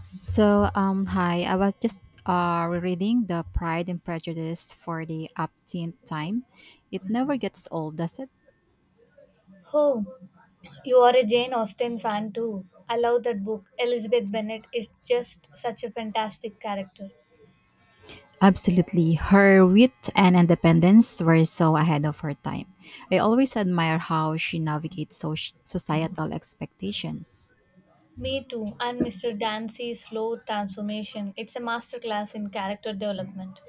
Hi. I was just rereading The Pride and Prejudice for the upteenth time. It never gets old, does it? Oh, you are a Jane Austen fan too. I love that book. Elizabeth Bennet is just such a fantastic character. Absolutely. Her wit and independence were so ahead of her time. I always admire how she navigates societal expectations. Me too, and Mr. Dancy's slow transformation. It's a masterclass in character development.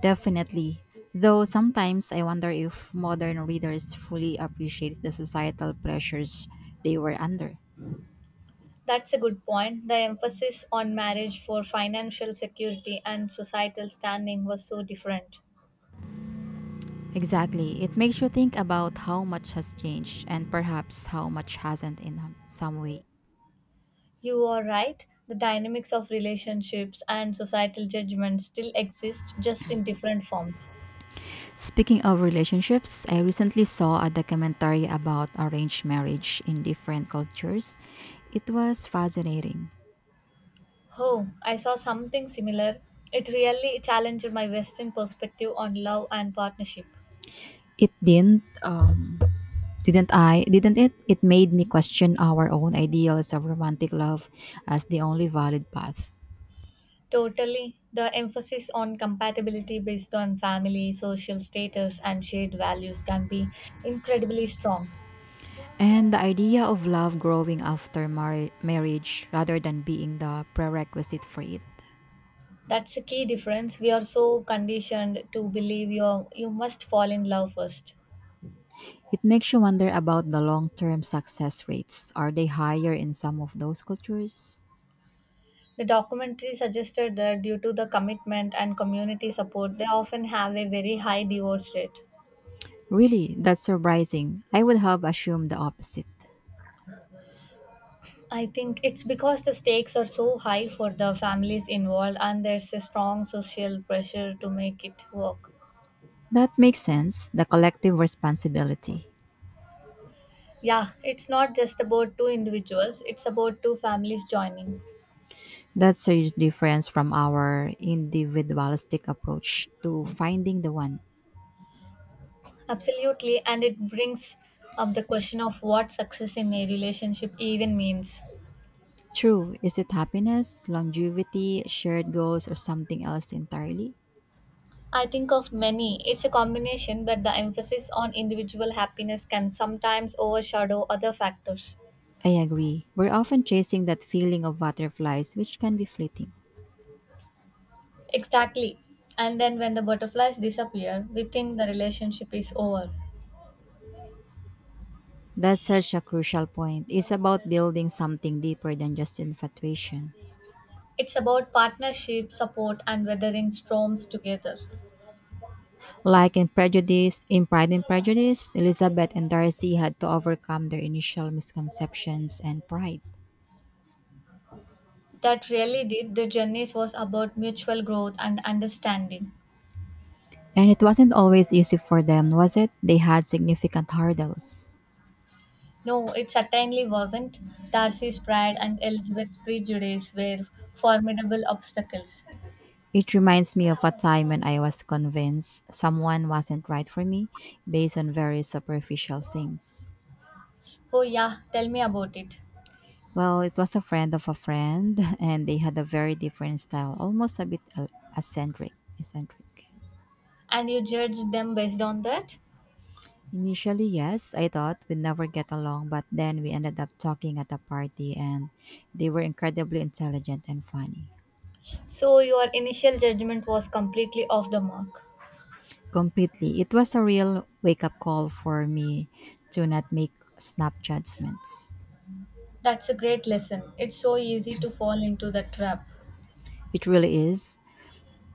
Definitely. Though sometimes I wonder if modern readers fully appreciate the societal pressures they were under. That's a good point. The emphasis on marriage for financial security and societal standing was so different. Exactly. It makes you think about how much has changed and perhaps how much hasn't in some way. You are right. The dynamics of relationships and societal judgment still exist just in different forms. Speaking of relationships, I recently saw a documentary about arranged marriage in different cultures. It was fascinating. Oh, I saw something similar. It really challenged my Western perspective on love and partnership. It didn't I? Didn't it? It made me question our own ideals of romantic love as the only valid path. Totally. The emphasis on compatibility based on family, social status, and shared values can be incredibly strong. And the idea of love growing after marriage rather than being the prerequisite for it. That's a key difference. We are so conditioned to believe you must fall in love first. It makes you wonder about the long term success rates. Are they higher in some of those cultures? The documentary suggested that due to the commitment and community support, they often have a very high divorce rate. Really, that's surprising. I would have assumed the opposite. I think it's because the stakes are so high for the families involved and there's a strong social pressure to make it work. That makes sense. The collective responsibility. Yeah, it's not just about two individuals, it's about two families joining. That's a huge difference from our individualistic approach to finding the one. Absolutely, and it brings up the question of what success in a relationship even means. True, is it happiness, longevity, shared goals, or something else entirely? I think of many, it's a combination, but the emphasis on individual happiness can sometimes overshadow other factors. I agree. We're often chasing that feeling of butterflies, which can be fleeting. Exactly. And then when the butterflies disappear, we think the relationship is over. That's such a crucial point. It's about building something deeper than just infatuation. It's about partnership, support, and weathering storms together. Like in Pride and Prejudice, Elizabeth and Darcy had to overcome their initial misconceptions and pride. That really did. The journeys was about mutual growth and understanding. And it wasn't always easy for them, was it? They had significant hurdles. No, it certainly wasn't. Darcy's pride and Elizabeth's prejudice were formidable obstacles. It reminds me of a time when I was convinced someone wasn't right for me based on very superficial things. Oh, yeah, tell me about it. Well, it was a friend of a friend, and they had a very different style, almost a bit eccentric. Eccentric. And you judged them based on that? Initially, yes, I thought we'd never get along, but then we ended up talking at a party, and they were incredibly intelligent and funny. So, your initial judgment was completely off the mark. Completely, it was a real wake-up call for me to not make snap judgments. That's a great lesson. It's so easy to fall into the trap. It really is,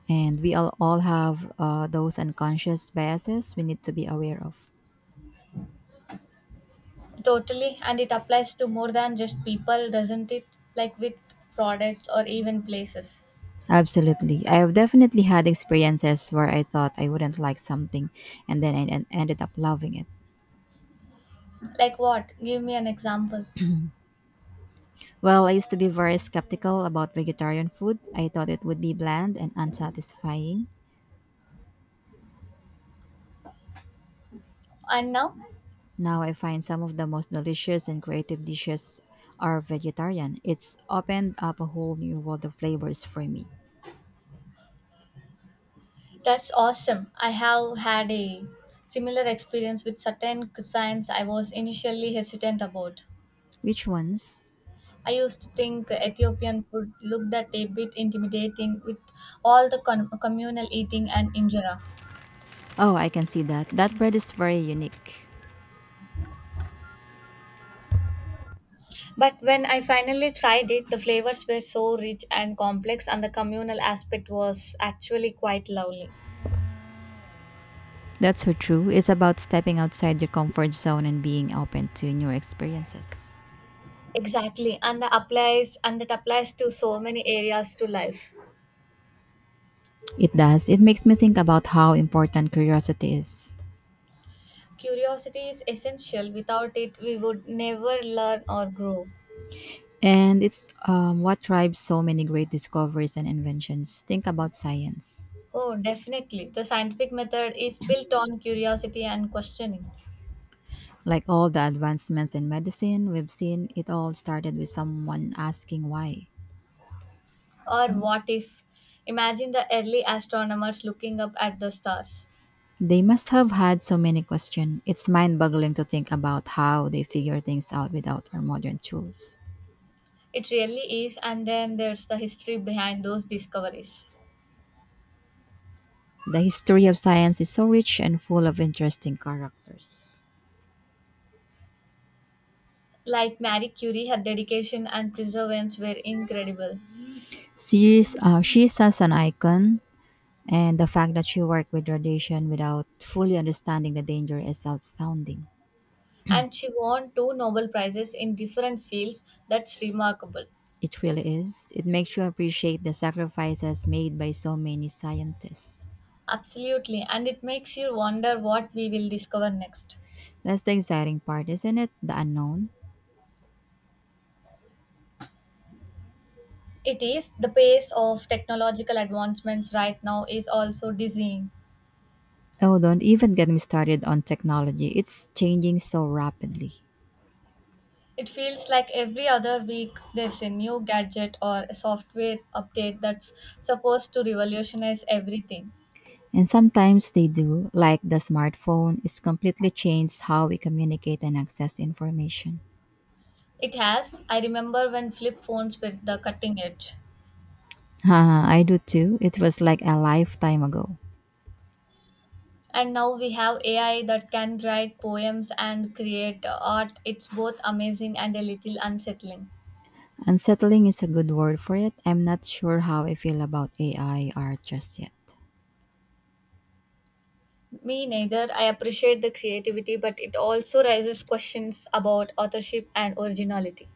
and we all have those unconscious biases we need to be aware of. Totally, and it applies to more than just people, doesn't it? Like with products or even places. Absolutely. I have definitely had experiences where I thought I wouldn't like something and then I ended up loving it. Like what? Give me an example. Well, I used to be very skeptical about vegetarian food. I thought it would be bland and unsatisfying. And now? Now I find some of the most delicious and creative dishes are vegetarian. It's opened up a whole new world of flavors for me. That's awesome. I have had a similar experience with certain cuisines I was initially hesitant about. Which ones? I used to think Ethiopian food looked at a bit intimidating with all the communal eating and injera. Oh, I can see that. That bread is very unique. But when I finally tried it, the flavors were so rich and complex, and the communal aspect was actually quite lovely. That's so true. It's about stepping outside your comfort zone and being open to new experiences. Exactly, and that applies to so many areas to life. It does. It makes me think about how important curiosity is. Curiosity is essential. Without it, we would never learn or grow. And it's what drives so many great discoveries and inventions. Think about science. Oh, definitely. The scientific method is built on curiosity and questioning. Like all the advancements in medicine we've seen, it all started with someone asking why. Or what if? Imagine the early astronomers looking up at the stars. They must have had so many questions. It's mind boggling to think about how they figure things out without our modern tools. It really is, and then there's the history behind those discoveries. The history of science is so rich and full of interesting characters. Like Marie Curie, her dedication and perseverance were incredible, She is, she such an icon. And the fact that she worked with radiation without fully understanding the danger is astounding. and she won two Nobel Prizes in different fields. That's remarkable. It really is. It makes you appreciate the sacrifices made by so many scientists. Absolutely, and it makes you wonder what we will discover next. That's the exciting part, isn't it? The unknown. It is the pace of technological advancements right now is also dizzying. Oh, don't even get me started on technology. It's changing so rapidly. It feels like every other week there's a new gadget or a software update that's supposed to revolutionize everything. And sometimes they do, like the smartphone, it's completely changed how we communicate and access information. It has. I remember when flip phones were the cutting edge. Haha, I do too. It was like a lifetime ago. And now we have AI that can write poems and create art. It's both amazing and a little unsettling. Unsettling is a good word for it. I'm not sure how I feel about AI art just yet. Me neither. I appreciate the creativity, but it also raises questions about authorship and originality.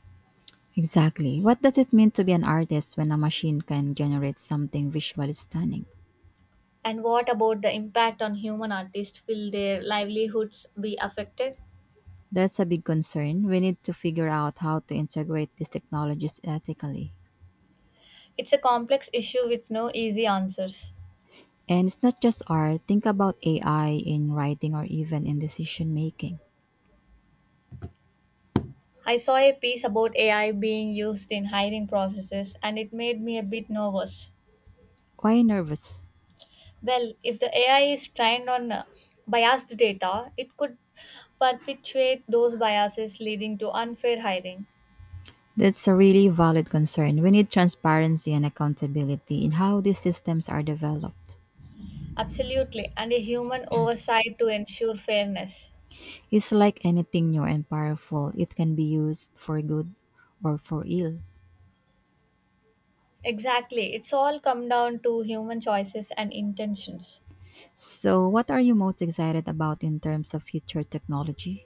Exactly. What does it mean to be an artist when a machine can generate something visually stunning? And what about the impact on human artists? Will their livelihoods be affected? That's a big concern. We need to figure out how to integrate these technologies ethically. It's a complex issue with no easy answers. And it's not just art. Think about AI in writing or even in decision making. I saw a piece about AI being used in hiring processes and it made me a bit nervous. Why nervous? Well, if the AI is trained on biased data, it could perpetuate those biases leading to unfair hiring. That's a really valid concern. We need transparency and accountability in how these systems are developed. Absolutely, and a human oversight to ensure fairness. It's like anything new and powerful, it can be used for good or for ill. Exactly, it's all come down to human choices and intentions. So, what are you most excited about in terms of future technology?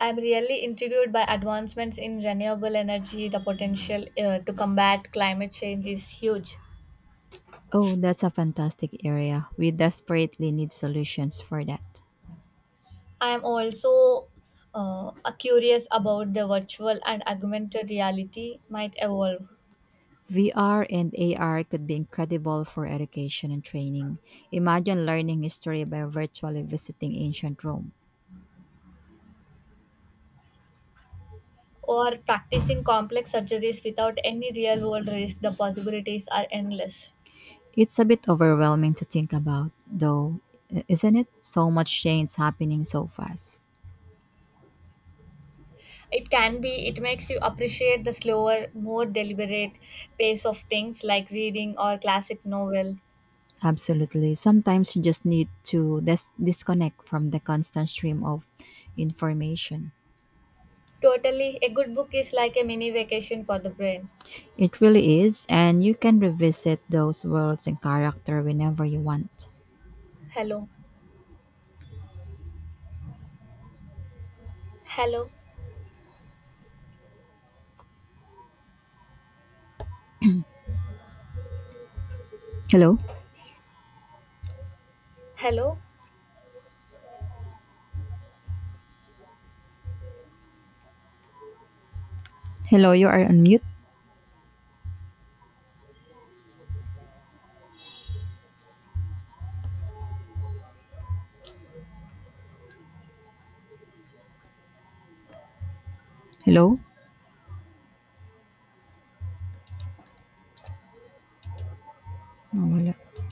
I'm really intrigued by advancements in renewable energy. The potential to combat climate change is huge. Oh, that's a fantastic area. We desperately need solutions for that. I am also uh, curious about the virtual and augmented reality might evolve. VR and AR could be incredible for education and training. Imagine learning history by virtually visiting ancient Rome. Or practicing complex surgeries without any real world risk, the possibilities are endless. It's a bit overwhelming to think about, though, isn't it? So much change happening so fast. It can be, it makes you appreciate the slower, more deliberate pace of things like reading or classic novel. Absolutely. Sometimes you just need to disconnect from the constant stream of information. Totally, a good book is like a mini vacation for the brain. It really is, and you can revisit those worlds and character whenever you want. Hello, hello, Hello? hello. Hello, you are on mute? Hello? Oh, wala.